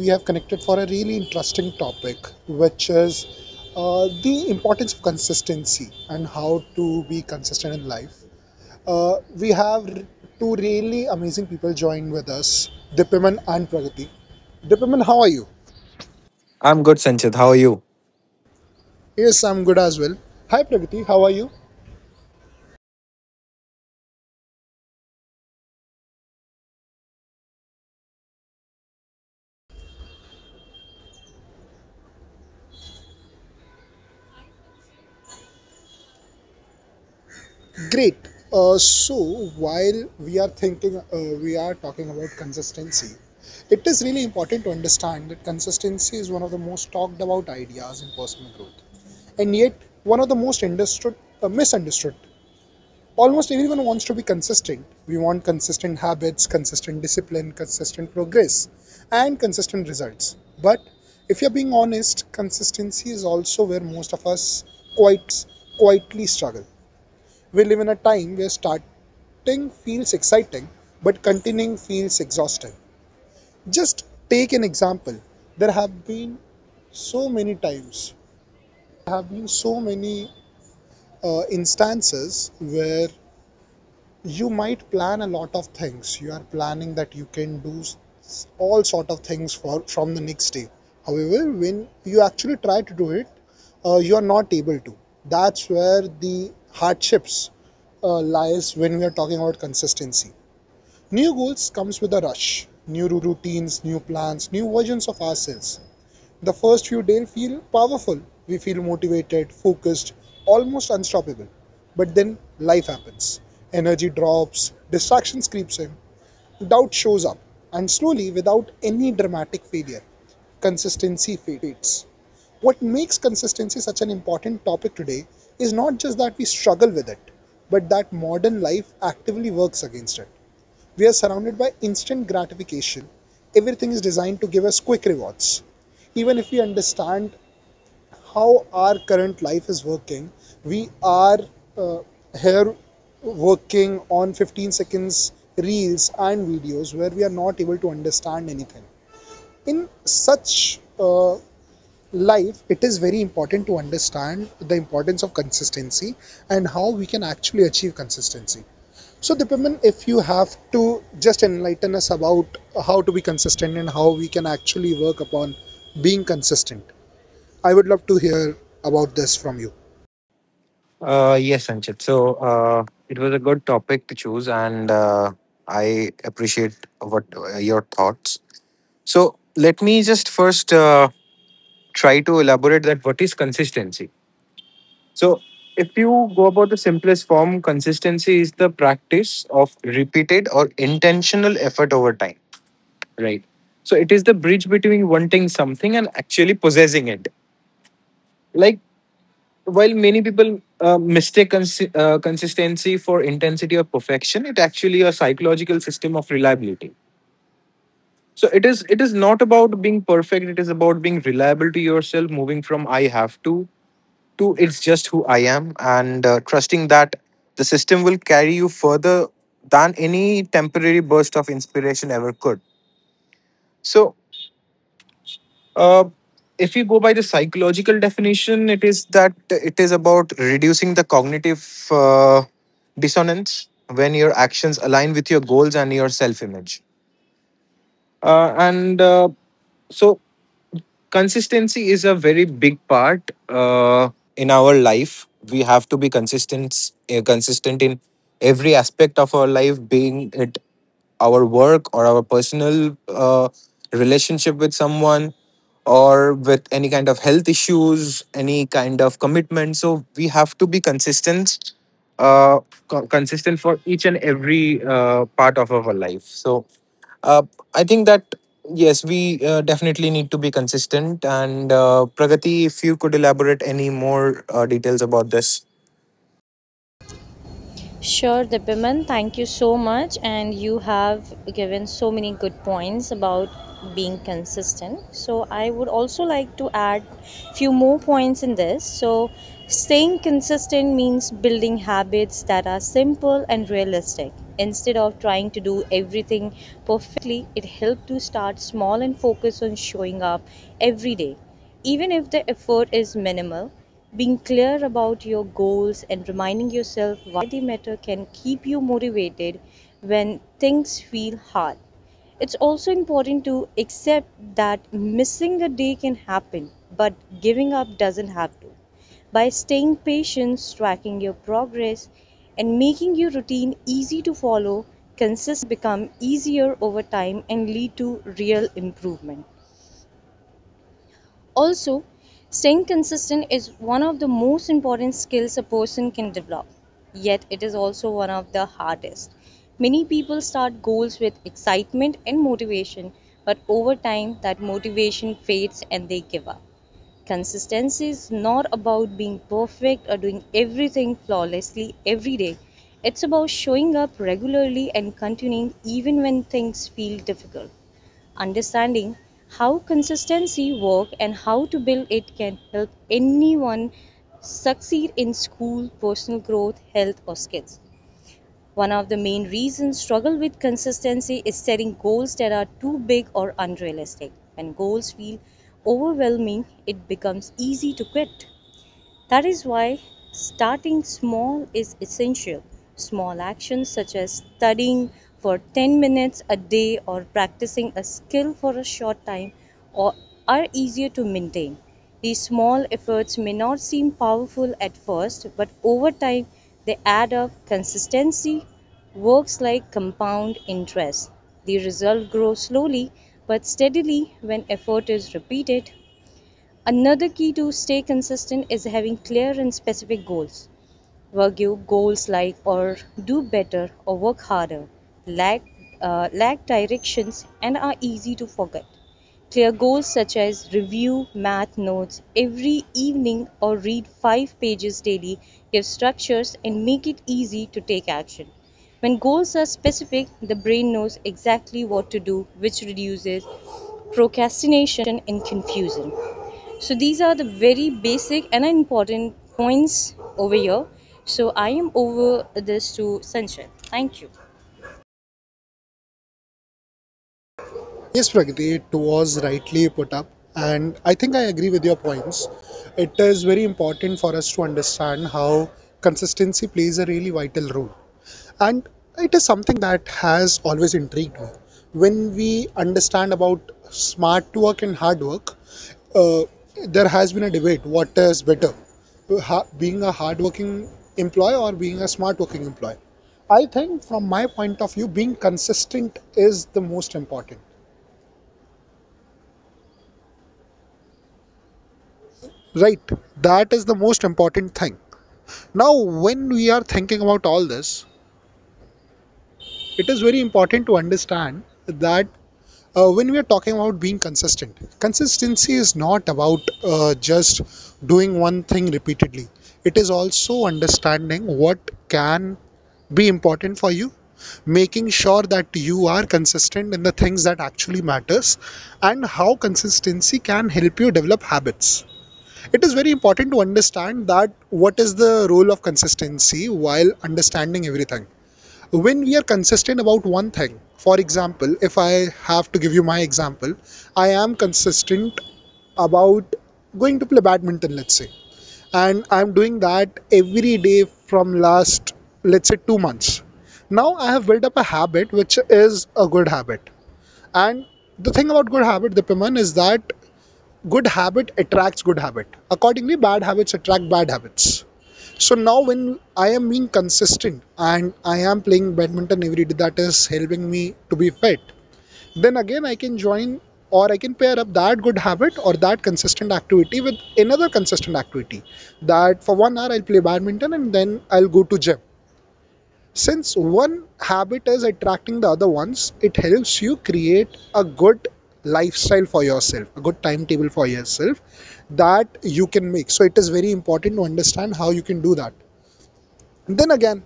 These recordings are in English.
we have connected for a really interesting topic, which is the importance of consistency and how to be consistent in life. Uh, we have two really amazing people joined with us, Dipiman and Pragati. Dipiman, how are you? I'm good, Sanchit. How are you? Yes, I'm good as well. Hi Pragati, how are you? Great. So while we are thinking, we are talking about consistency. It is really important to understand that consistency is one of the most talked about ideas in personal growth, and yet one of the most understood, misunderstood. Almost everyone wants to be consistent. We want consistent habits, consistent discipline, consistent progress, and consistent results. But if you're being honest, consistency is also where most of us quietly struggle. We live in a time where starting feels exciting, but continuing feels exhausting. Just take an example. There have been so many times, there have been so many instances where you might plan a lot of things. You are planning that you can do all sort of things for from the next day. However, when you actually try to do it, you are not able to. That's where the hardships lies when we are talking about consistency. New goals comes with a rush, new routines, new plans, new versions of ourselves. The first few days feel powerful. We feel motivated, focused, almost unstoppable. But then life happens. Energy drops, distractions creeps in, doubt shows up, and slowly without any dramatic failure, consistency fades. What makes consistency such an important topic today is not just that we struggle with it, but that modern life actively works against it. We are surrounded by instant gratification. Everything is designed to give us quick rewards. Even if we understand how our current life is working, we are uh, here working on 15 seconds reels and videos where we are not able to understand anything. In such life, it is very important to understand the importance of consistency and how we can actually achieve consistency. So, Dipaman, if you have to just enlighten us about how to be consistent and how we can actually work upon being consistent, I would love to hear about this from you. Yes, Sanchit. So it was a good topic to choose, and I appreciate what your thoughts. So let me just first try to elaborate that what is consistency. So if you go about the simplest form, consistency is the practice of repeated or intentional effort over time. Right. So it is the bridge between wanting something and actually possessing it. Like, while many people consistency for intensity or perfection, it actually a psychological system of reliability. So it is not about being perfect, it is about being reliable to yourself, moving from I have to it's just who I am, and trusting that the system will carry you further than any temporary burst of inspiration ever could. So Uh, if you go by the psychological definition, it is that it is about reducing the cognitive dissonance when your actions align with your goals and your self image. Uh, and uh, so, Consistency is a very big part in our life. We have to be consistent, consistent in every aspect of our life, being it our work or our personal relationship with someone or with any kind of health issues, any kind of commitment. So we have to be consistent, uh, consistent for each and every part of our life. So uh, I think that yes, we definitely need to be consistent. And Pragati, if you could elaborate any more details about this. Sure, Dipiman, thank you so much. And you have given so many good points about being consistent. So I would also like to add few more points in this. So staying consistent means building habits that are simple and realistic. Instead of trying to do everything perfectly, it helps to start small and focus on showing up every day even if the effort is minimal, being clear about your goals and reminding yourself why they matter can keep you motivated when things feel hard. It's also important to accept that missing a day can happen, but giving up doesn't have to. By staying patient, tracking your progress, and making your routine easy to follow, consistent become easier over time and lead to real improvement. Also, staying consistent is one of the most important skills a person can develop, yet, it is also one of the hardest. Many people start goals with excitement and motivation, but over time, that motivation fades and they give up. Consistency is not about being perfect or doing everything flawlessly every day. It's about showing up regularly and continuing even when things feel difficult. Understanding how consistency work and how to build it can help anyone succeed in school, personal growth, health or skills. One of the main reasons struggle with consistency is setting goals that are too big or unrealistic. When goals feel overwhelming, it becomes easy to quit. That is why starting small is essential. Small actions such as studying for 10 minutes a day or practicing a skill for a short time or are easier to maintain. These small efforts may not seem powerful at first, but over time they add up. Consistency works like compound interest. The result grows slowly but steadily when effort is repeated. Another key to stay consistent is having clear and specific goals. Wagyu goals like or do better or work harder lack, lack directions and are easy to forget. Clear goals such as review math notes every evening or read 5 pages daily give structures and make it easy to take action. When goals are specific, the brain knows exactly what to do, which reduces procrastination and confusion. So these are the very basic and important points over here. So I am over this to Sanjay. Thank you. Yes, Pragati, it was rightly put up, and I think I agree with your points. It is very important for us to understand how consistency plays a really vital role, and it is something that has always intrigued me. When we understand about smart work and hard work, uh, there has been a debate what is better, being a hardworking employee or being a smart working employee. I think, from my point of view, being consistent is the most important. Right, that is the most important thing. Now, when we are thinking about all this, it is very important to understand that when we are talking about being consistent, consistency is not about just doing one thing repeatedly. It is also understanding what can be important for you, making sure that you are consistent in the things that actually matters, and how consistency can help you develop habits. It is very important to understand that what is the role of consistency while understanding everything. When we are consistent about one thing, for example, if I have to give you my example, I am consistent about going to play badminton, let's say, and I'm doing that every day from last, let's say 2 months. Now I have built up a habit, which is a good habit, and the thing about good habit the is that good habit attracts good habit. Accordingly, bad habits attract bad habits. So now, when I am being consistent and I am playing badminton every day, that is helping me to be fit, then again I can join or I can pair up that good habit or that consistent activity with another consistent activity. That for 1 hour I'll play badminton and then I'll go to gym. Since one habit is attracting the other ones, it helps you create a good lifestyle for yourself, a good timetable for yourself that you can make. So it is very important to understand how you can do that. And then again,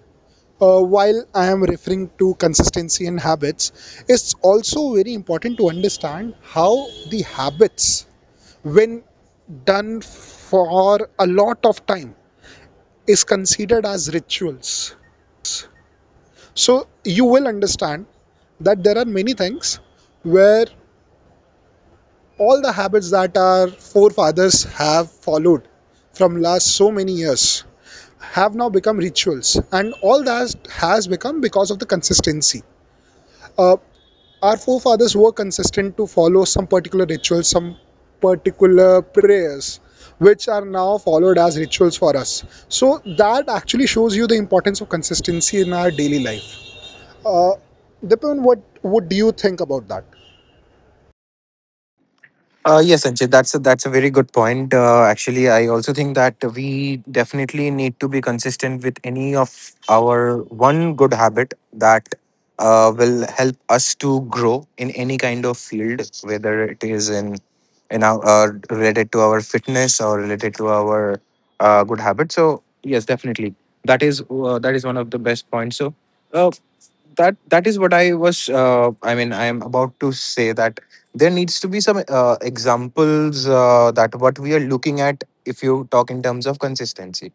while I am referring to consistency in habits, it's also very important to understand how the habits, when done for a lot of time, is considered as rituals. So you will understand that there are many things where all the habits that our forefathers have followed from last so many years have now become rituals, and all that has become because of the consistency. uh, our forefathers were consistent to follow some particular rituals, some particular prayers, which are now followed as rituals for us. So that actually shows you the importance of consistency in our daily life. Uh, Dipen, what do you think about that? Yes, Sanjay, that's that's a very good point. Actually, I also think that we definitely need to be consistent with any of our one good habit that will help us to grow in any kind of field, whether it is in our related to our fitness or related to our good habit. So yes, definitely that is one of the best points. So. Uh, that is what I was I mean I am about to say that there needs to be some examples that what we are looking at. If you talk in terms of consistency,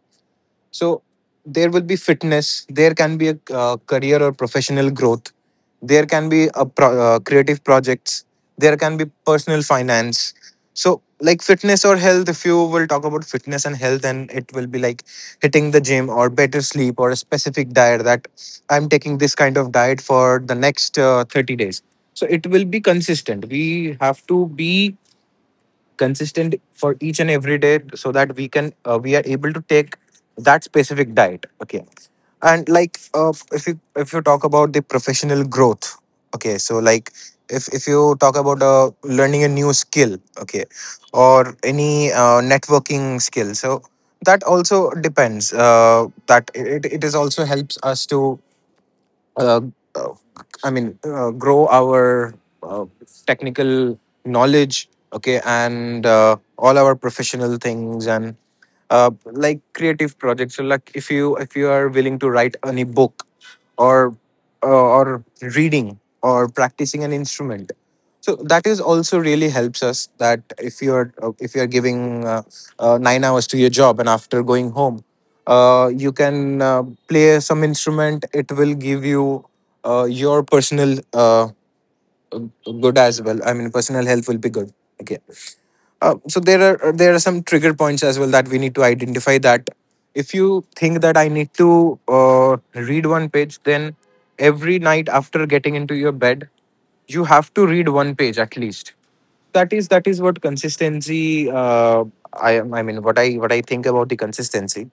so there will be fitness, there can be a career or professional growth, there can be a creative projects, there can be personal finance. So like fitness or health, if you will talk about fitness and health, and it will be like hitting the gym or better sleep or a specific diet that I'm taking this kind of diet for the next 30 days. So it will be consistent, we have to be consistent for each and every day so that we can we are able to take that specific diet. Okay. And like if you talk about the professional growth, okay, so like if you talk about learning a new skill, okay, or any networking skill, so that also depends that it is also helps us to uh, uh, grow our uh, technical knowledge, okay, and all our professional things. And like creative projects, so like if you are willing to write any book or uh, or reading or practicing an instrument, so that is also really helps us that if you're giving 9 hours to your job and after going home you can play some instrument, it will give you your personal uh, good as well, I mean personal health will be good. Okay. So there are some trigger points as well that we need to identify. That if you think that I need to read one page, then every night after getting into your bed, you have to read one page at least. That is what consistency. I am. I mean, what I think about the consistency.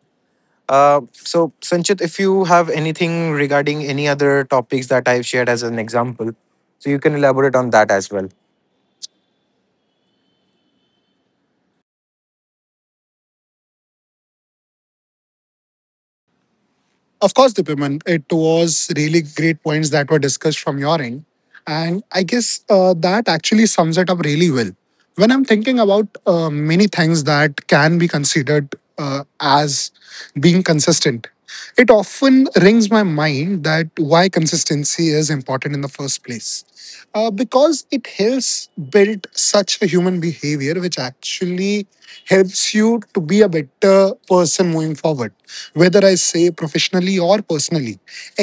So Sanchit, if you have anything regarding any other topics that I've shared as an example, so you can elaborate on that as well. Of course, Dipiman, it was really great points that were discussed from your end. And I guess that actually sums it up really well. When I'm thinking about many things that can be considered as being consistent, it often rings my mind that why consistency is important in the first place, because it helps build such a human behavior which actually helps you to be a better person moving forward, whether I say professionally or personally.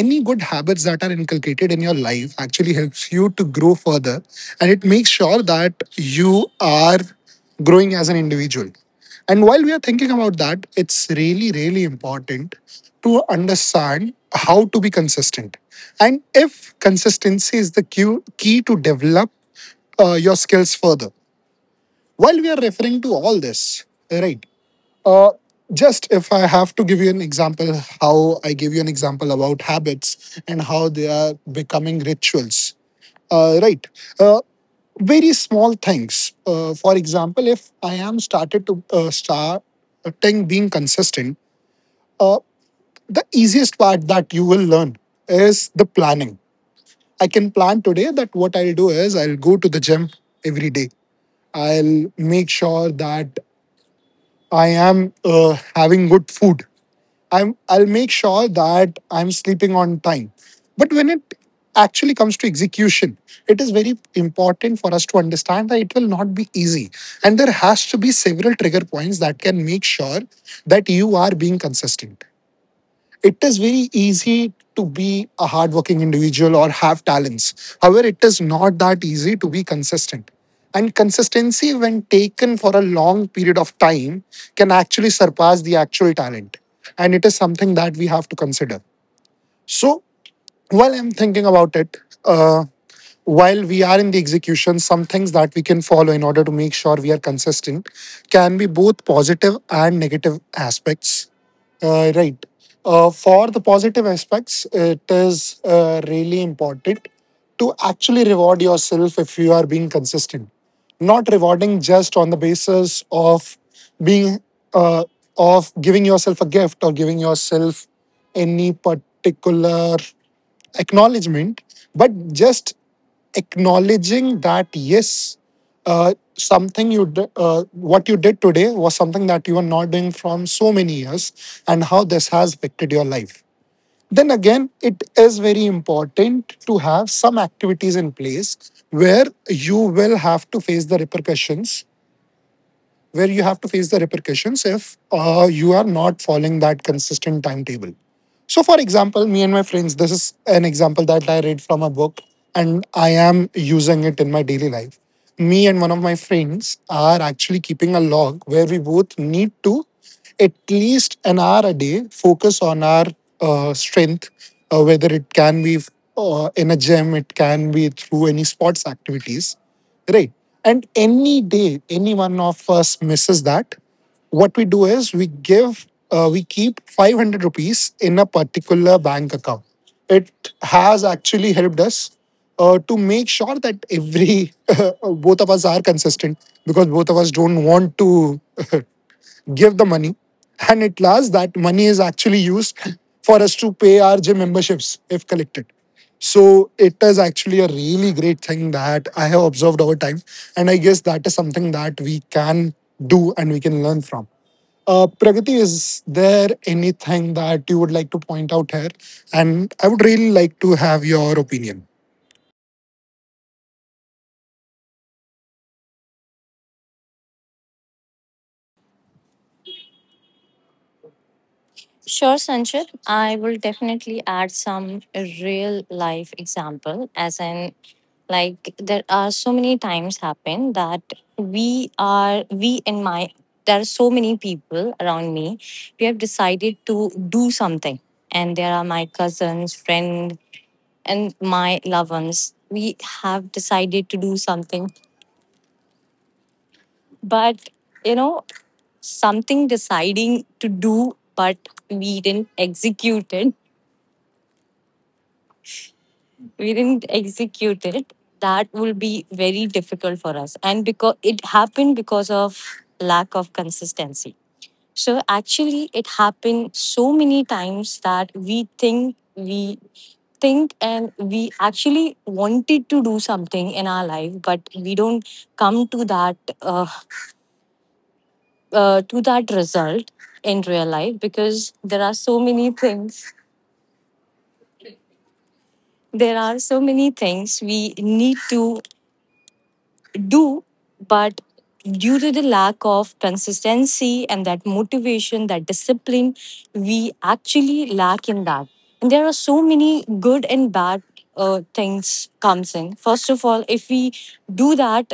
Any good habits that are inculcated in your life actually helps you to grow further and it makes sure that you are growing as an individual. And while we are thinking about that, it's really, really important to understand how to be consistent. And if consistency is the key, key to develop your skills further. While we are referring to all this, right? Uh, just If I have to give you an example, how I gave you an example about habits and how they are becoming rituals. Right. Uh, Very small things. For example, if I am started to starting being consistent, uh, the easiest part that you will learn is the planning. I can plan today that what I'll do is I'll go to the gym every day. I'll make sure that I am having good food. I'll make sure that I'm sleeping on time. But when it actually comes to execution, it is very important for us to understand that it will not be easy. And there has to be several trigger points that can make sure that you are being consistent. It is very easy to be a hardworking individual or have talents. However, it is not that easy to be consistent. And consistency, when taken for a long period of time, can actually surpass the actual talent. And it is something that we have to consider. So, while I'm thinking about it, uh, while we are in the execution, some things that we can follow in order to make sure we are consistent can be both positive and negative aspects, right. For the positive aspects, it is really important to actually reward yourself if you are being consistent. Not rewarding just on the basis of being uh, of giving yourself a gift or giving yourself any particular acknowledgement, but just acknowledging that yes, something what you did today was something that you were not doing from so many years and how this has affected your life. Then again, it is very important to have some activities in place where you will have to face the repercussions, where you have to face the repercussions if you are not following that consistent timetable. So, for example, me and my friends, this is an example that I read from a book and I am using it in my daily life. Me and one of my friends are actually keeping a log where we both need to at least an hour a day focus on our strength, whether it can be in a gym, it can be through any sports activities. Right. And any day, any one of us misses that, what we do is we give, we keep 500 rupees in a particular bank account. It has actually helped us to make sure that every, both of us are consistent because both of us don't want to give the money, and at last, that money is actually used for us to pay our gym memberships if collected. So it is actually a really great thing that I have observed over time, and I guess that is something that we can do and we can learn from. Pragati, is there anything that you would like to point out here? And I would really like to have your opinion. Sure, Sanchit. I will definitely add some real life example as in like, there are so many times happen that we are we in my there are so many people around me, we have decided to do something, and there are my cousins, friend and my loved ones, we have decided to do something, but you know something deciding to do, but we didn't execute it, we didn't execute it, that will be very difficult for us. And because it happened because of lack of consistency. So actually, it happened so many times that we think and we actually wanted to do something in our life, but we don't come uh, to that result in real life because there are so many things. There are so many things we need to do, but due to the lack of consistency and that motivation, that discipline, we actually lack in that. And there are so many good and bad things comes in. First of all, if we do that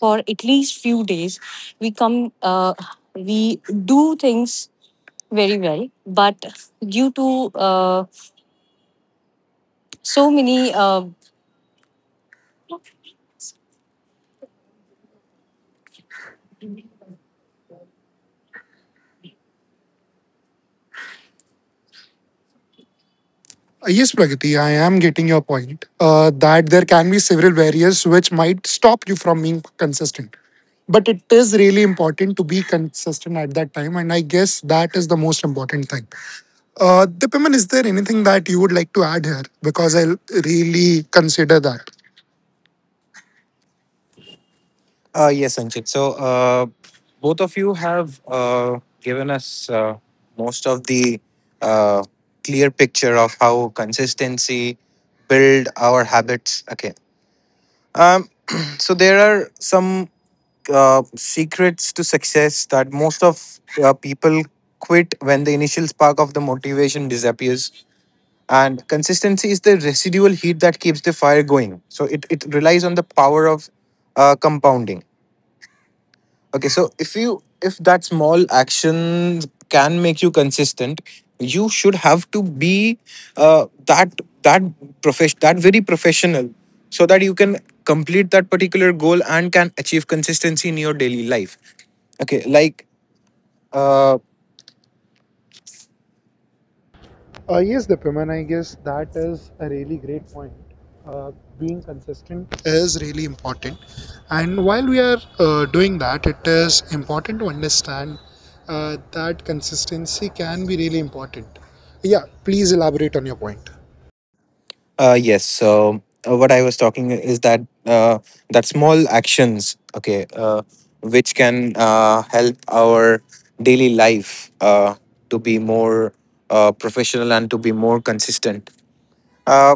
for at least few days, we come, we do things very well, but due to so many yes, Pragati, I am getting your point that there can be several barriers which might stop you from being consistent. But it is really important to be consistent at that time, and I guess that is the most important thing. Dipiman, is there anything that you would like to add here? Because I'll really consider that. Yes, Anchit. So, both of you have given us most of the uh, clear picture of how consistency build our habits. Okay. Um, so there are some secrets to success that most of people quit when the initial spark of the motivation disappears, and consistency is the residual heat that keeps the fire going. So it relies on the power of compounding. Okay, so if you if that small action can make you consistent, you should have to be uh, that that profession that very professional, so that you can complete that particular goal and can achieve consistency in your daily life. Okay, like uh, Yes, Dipim, I guess that is a really great point. Uh, Being consistent is really important, and while we are doing that, it is important to understand that consistency can be really important. Yeah, please elaborate on your point. Yes. So what I was talking is that that small actions, okay, which can help our daily life to be more professional and to be more consistent. Uh,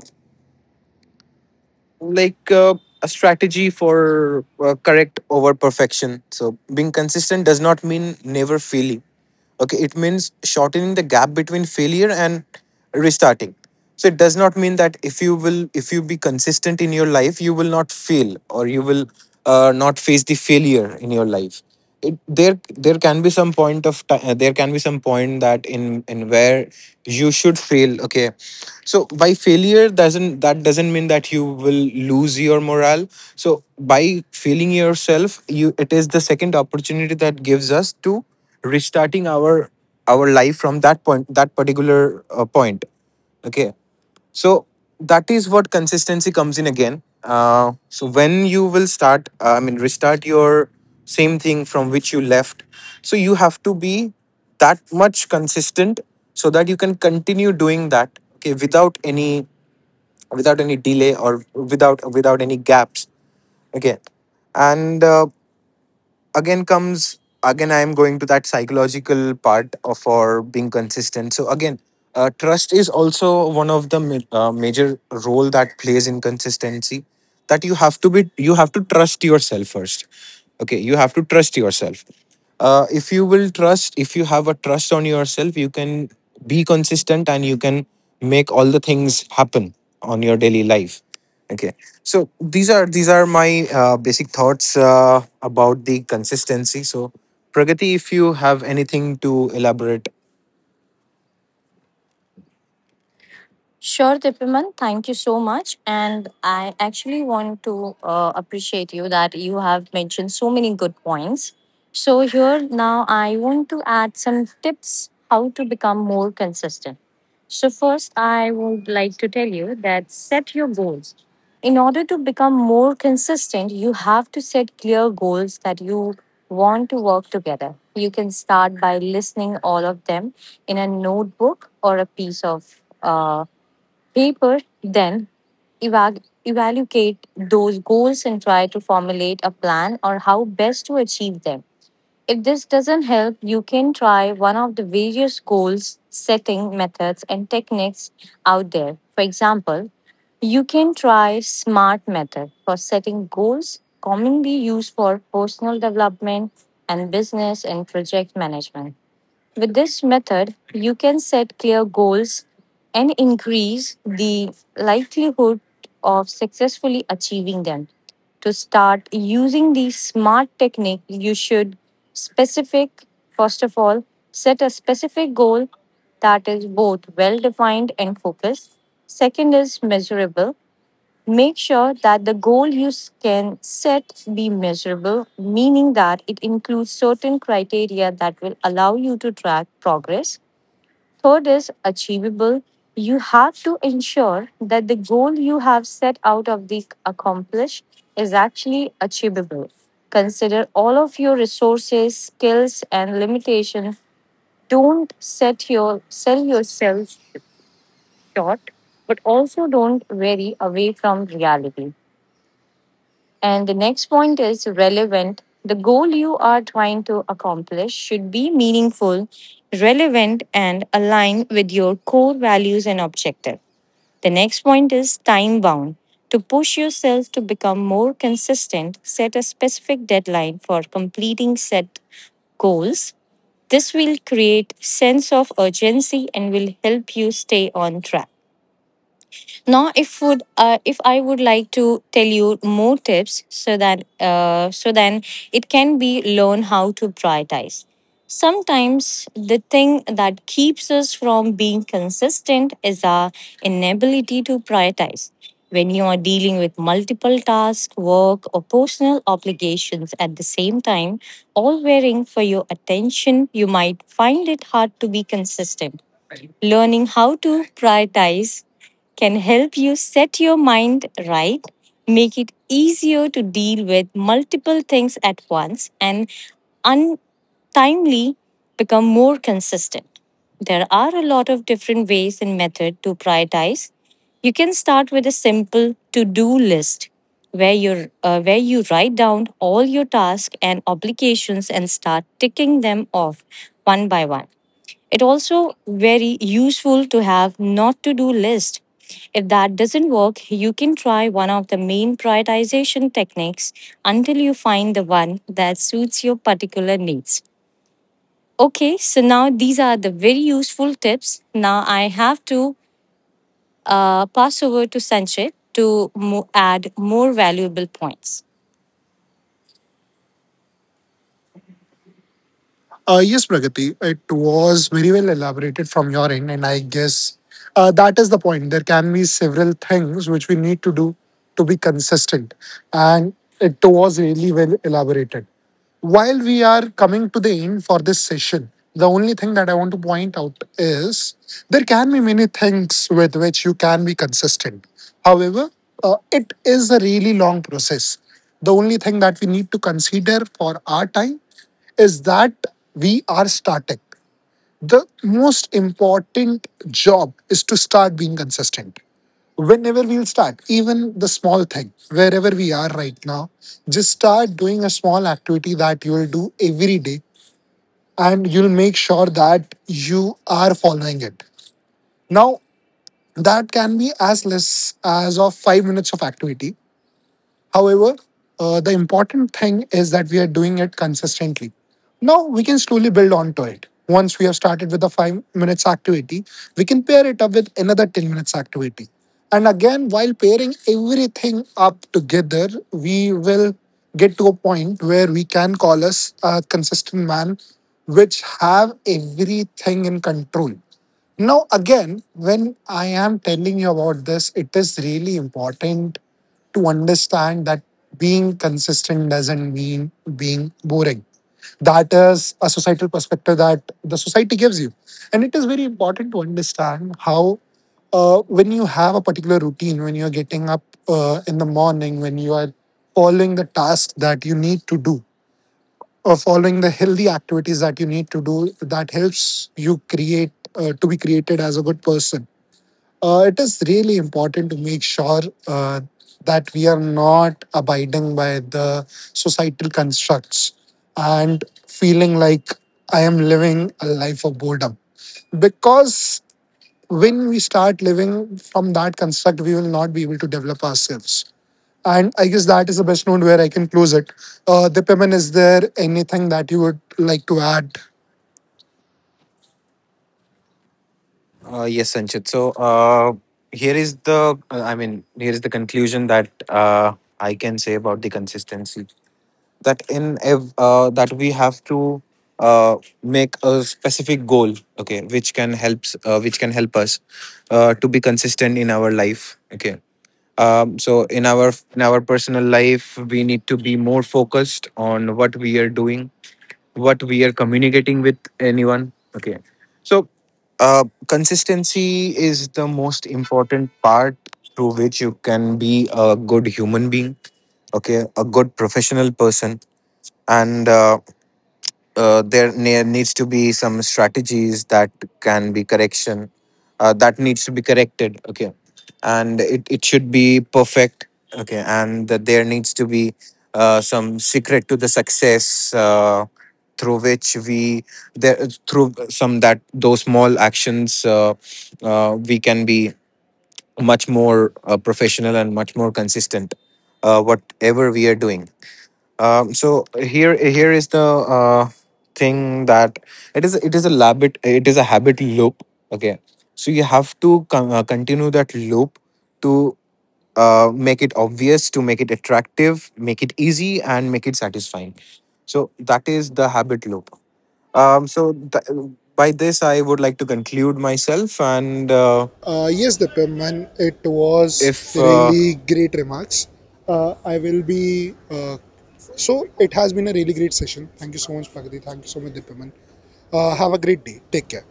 like Uh, a strategy for correct over perfection. So being consistent does not mean never failing. Okay, it means shortening the gap between failure and restarting. So it does not mean that if you be consistent in your life, you will not fail or you will not face the failure in your life. It, there there can be some point of time, there can be some point that in where you should fail. Okay, so by failure doesn't, that doesn't mean that you will lose your morale. So by failing yourself, you, it is the second opportunity that gives us to restarting our life from that point, that particular point. Okay? So that is what consistency comes in again. So when you will start, I mean, restart your same thing from which you left. So you have to be that much consistent so that you can continue doing that. Okay, without any, delay, or without any gaps. Okay, and again comes, again I am going to that psychological part of for being consistent. So again, trust is also one of the major role that plays in consistency. That you have to be, you have to trust yourself first. Okay, you have to trust yourself. If you will trust, if you have a trust on yourself, you can be consistent and you can make all the things happen on your daily life. Okay, so these are, these are my basic thoughts about the consistency. So Pragati, if you have anything to elaborate. Sure, Dipiman. Thank you so much. And I actually want to appreciate you that you have mentioned so many good points. So here now I want to add some tips how to become more consistent. So first, I would like to tell you that set your goals. In order to become more consistent, you have to set clear goals that you want to work together. You can start by listening all of them in a notebook or a piece of people, then eva- evaluate those goals and try to formulate a plan or how best to achieve them. If this doesn't help, you can try one of the various goals setting methods and techniques out there. For example, you can try SMART method for setting goals, commonly used for personal development and business and project management. With this method, you can set clear goals and increase the likelihood of successfully achieving them. To start using the SMART technique, you should specific, first of all, set a specific goal that is both well defined and focused. Second is measurable. Make sure that the goal you can set be measurable, meaning that it includes certain criteria that will allow you to track progress. Third is achievable. You have to ensure that the goal you have set out of the accomplish is actually achievable. Consider all of your resources, skills, and limitations. Don't set your, sell yourself short, but also don't vary away from reality. And the next point is relevant. The goal you are trying to accomplish should be meaningful, relevant, and align with your core values and objective. The next point is time bound. To push yourself to become more consistent, set a specific deadline for completing set goals. This will create sense of urgency and will help you stay on track. Now, if would if I would like to tell you more tips, so that so then it can be learn how to prioritize. Sometimes the thing that keeps us from being consistent is our inability to prioritize. When you are dealing with multiple tasks, work, or personal obligations at the same time, all wearing for your attention, you might find it hard to be consistent. Learning how to prioritize can help you set your mind right, make it easier to deal with multiple things at once, and untimely become more consistent. There are a lot of different ways and method to prioritize. You can start with a simple to-do list where you write down all your tasks and obligations and start ticking them off one by one. It also very useful to have not to do list. If that doesn't work, you can try one of the main prioritization techniques until you find the one that suits your particular needs. Okay, so now these are the very useful tips. Now I have to pass over to Sanchit to add more valuable points. Yes, Pragati, it was very well elaborated from your end, and I guess that is the point. There can be several things which we need to do to be consistent, and it was really well elaborated. While we are coming to the end for this session, the only thing that I want to point out is there can be many things with which you can be consistent. However, it is a really long process. The only thing that we need to consider for our time is that we are starting. The most important job is to start being consistent. Whenever we'll start, even the small thing, wherever we are right now, just start doing a small activity that you will do every day and you'll make sure that you are following it. Now, that can be as less as of 5 minutes of activity. However, the important thing is that we are doing it consistently. Now we can slowly build on to it. Once we have started with the 5 minutes activity, we can pair it up with another 10 minutes activity. And again, while pairing everything up together, we will get to a point where we can call us a consistent man, which have everything in control. Now, again, when I am telling you about this, it is really important to understand that being consistent doesn't mean being boring. That is a societal perspective that the society gives you. And it is very important to understand how, when you have a particular routine, when you're getting up in the morning, when you are following the tasks that you need to do, or following the healthy activities that you need to do, that helps you create, to be created as a good person. It is really important to make sure uh, that we are not abiding by the societal constructs and feeling like I am living a life of boredom. Because when we start living from that construct, we will not be able to develop ourselves. And I guess that is the best note where I can close it. Dipiman, is there anything that you would like to add? Yes, Sanchit. So here is the, I mean, here is the conclusion that I can say about the consistency, that in that we have to make a specific goal, okay, which can helps, which can help us to be consistent in our life, okay. So in our, personal life, we need to be more focused on what we are doing, what we are communicating with anyone, okay. So, consistency is the most important part through which you can be a good human being, okay, a good professional person, and there needs to be some strategies that can be correction, that needs to be corrected, okay, and it should be perfect. Okay, and that there needs to be some secret to the success, through which we, there through some, that those small actions, we can be much more professional and much more consistent, whatever we are doing. Um, so here, here is the thing that it is, it is a habit, it is a habit loop, okay. So you have to continue that loop to make it obvious, to make it attractive, make it easy, and make it satisfying. So that is the habit loop. Um, so by this I would like to conclude myself, and Yes, Dipim, it was if really great remarks. I will be. Uh, so it has been a really great session. Thank you so much, Pragati. Thank you so much, Dipiman. Have a great day. Take care.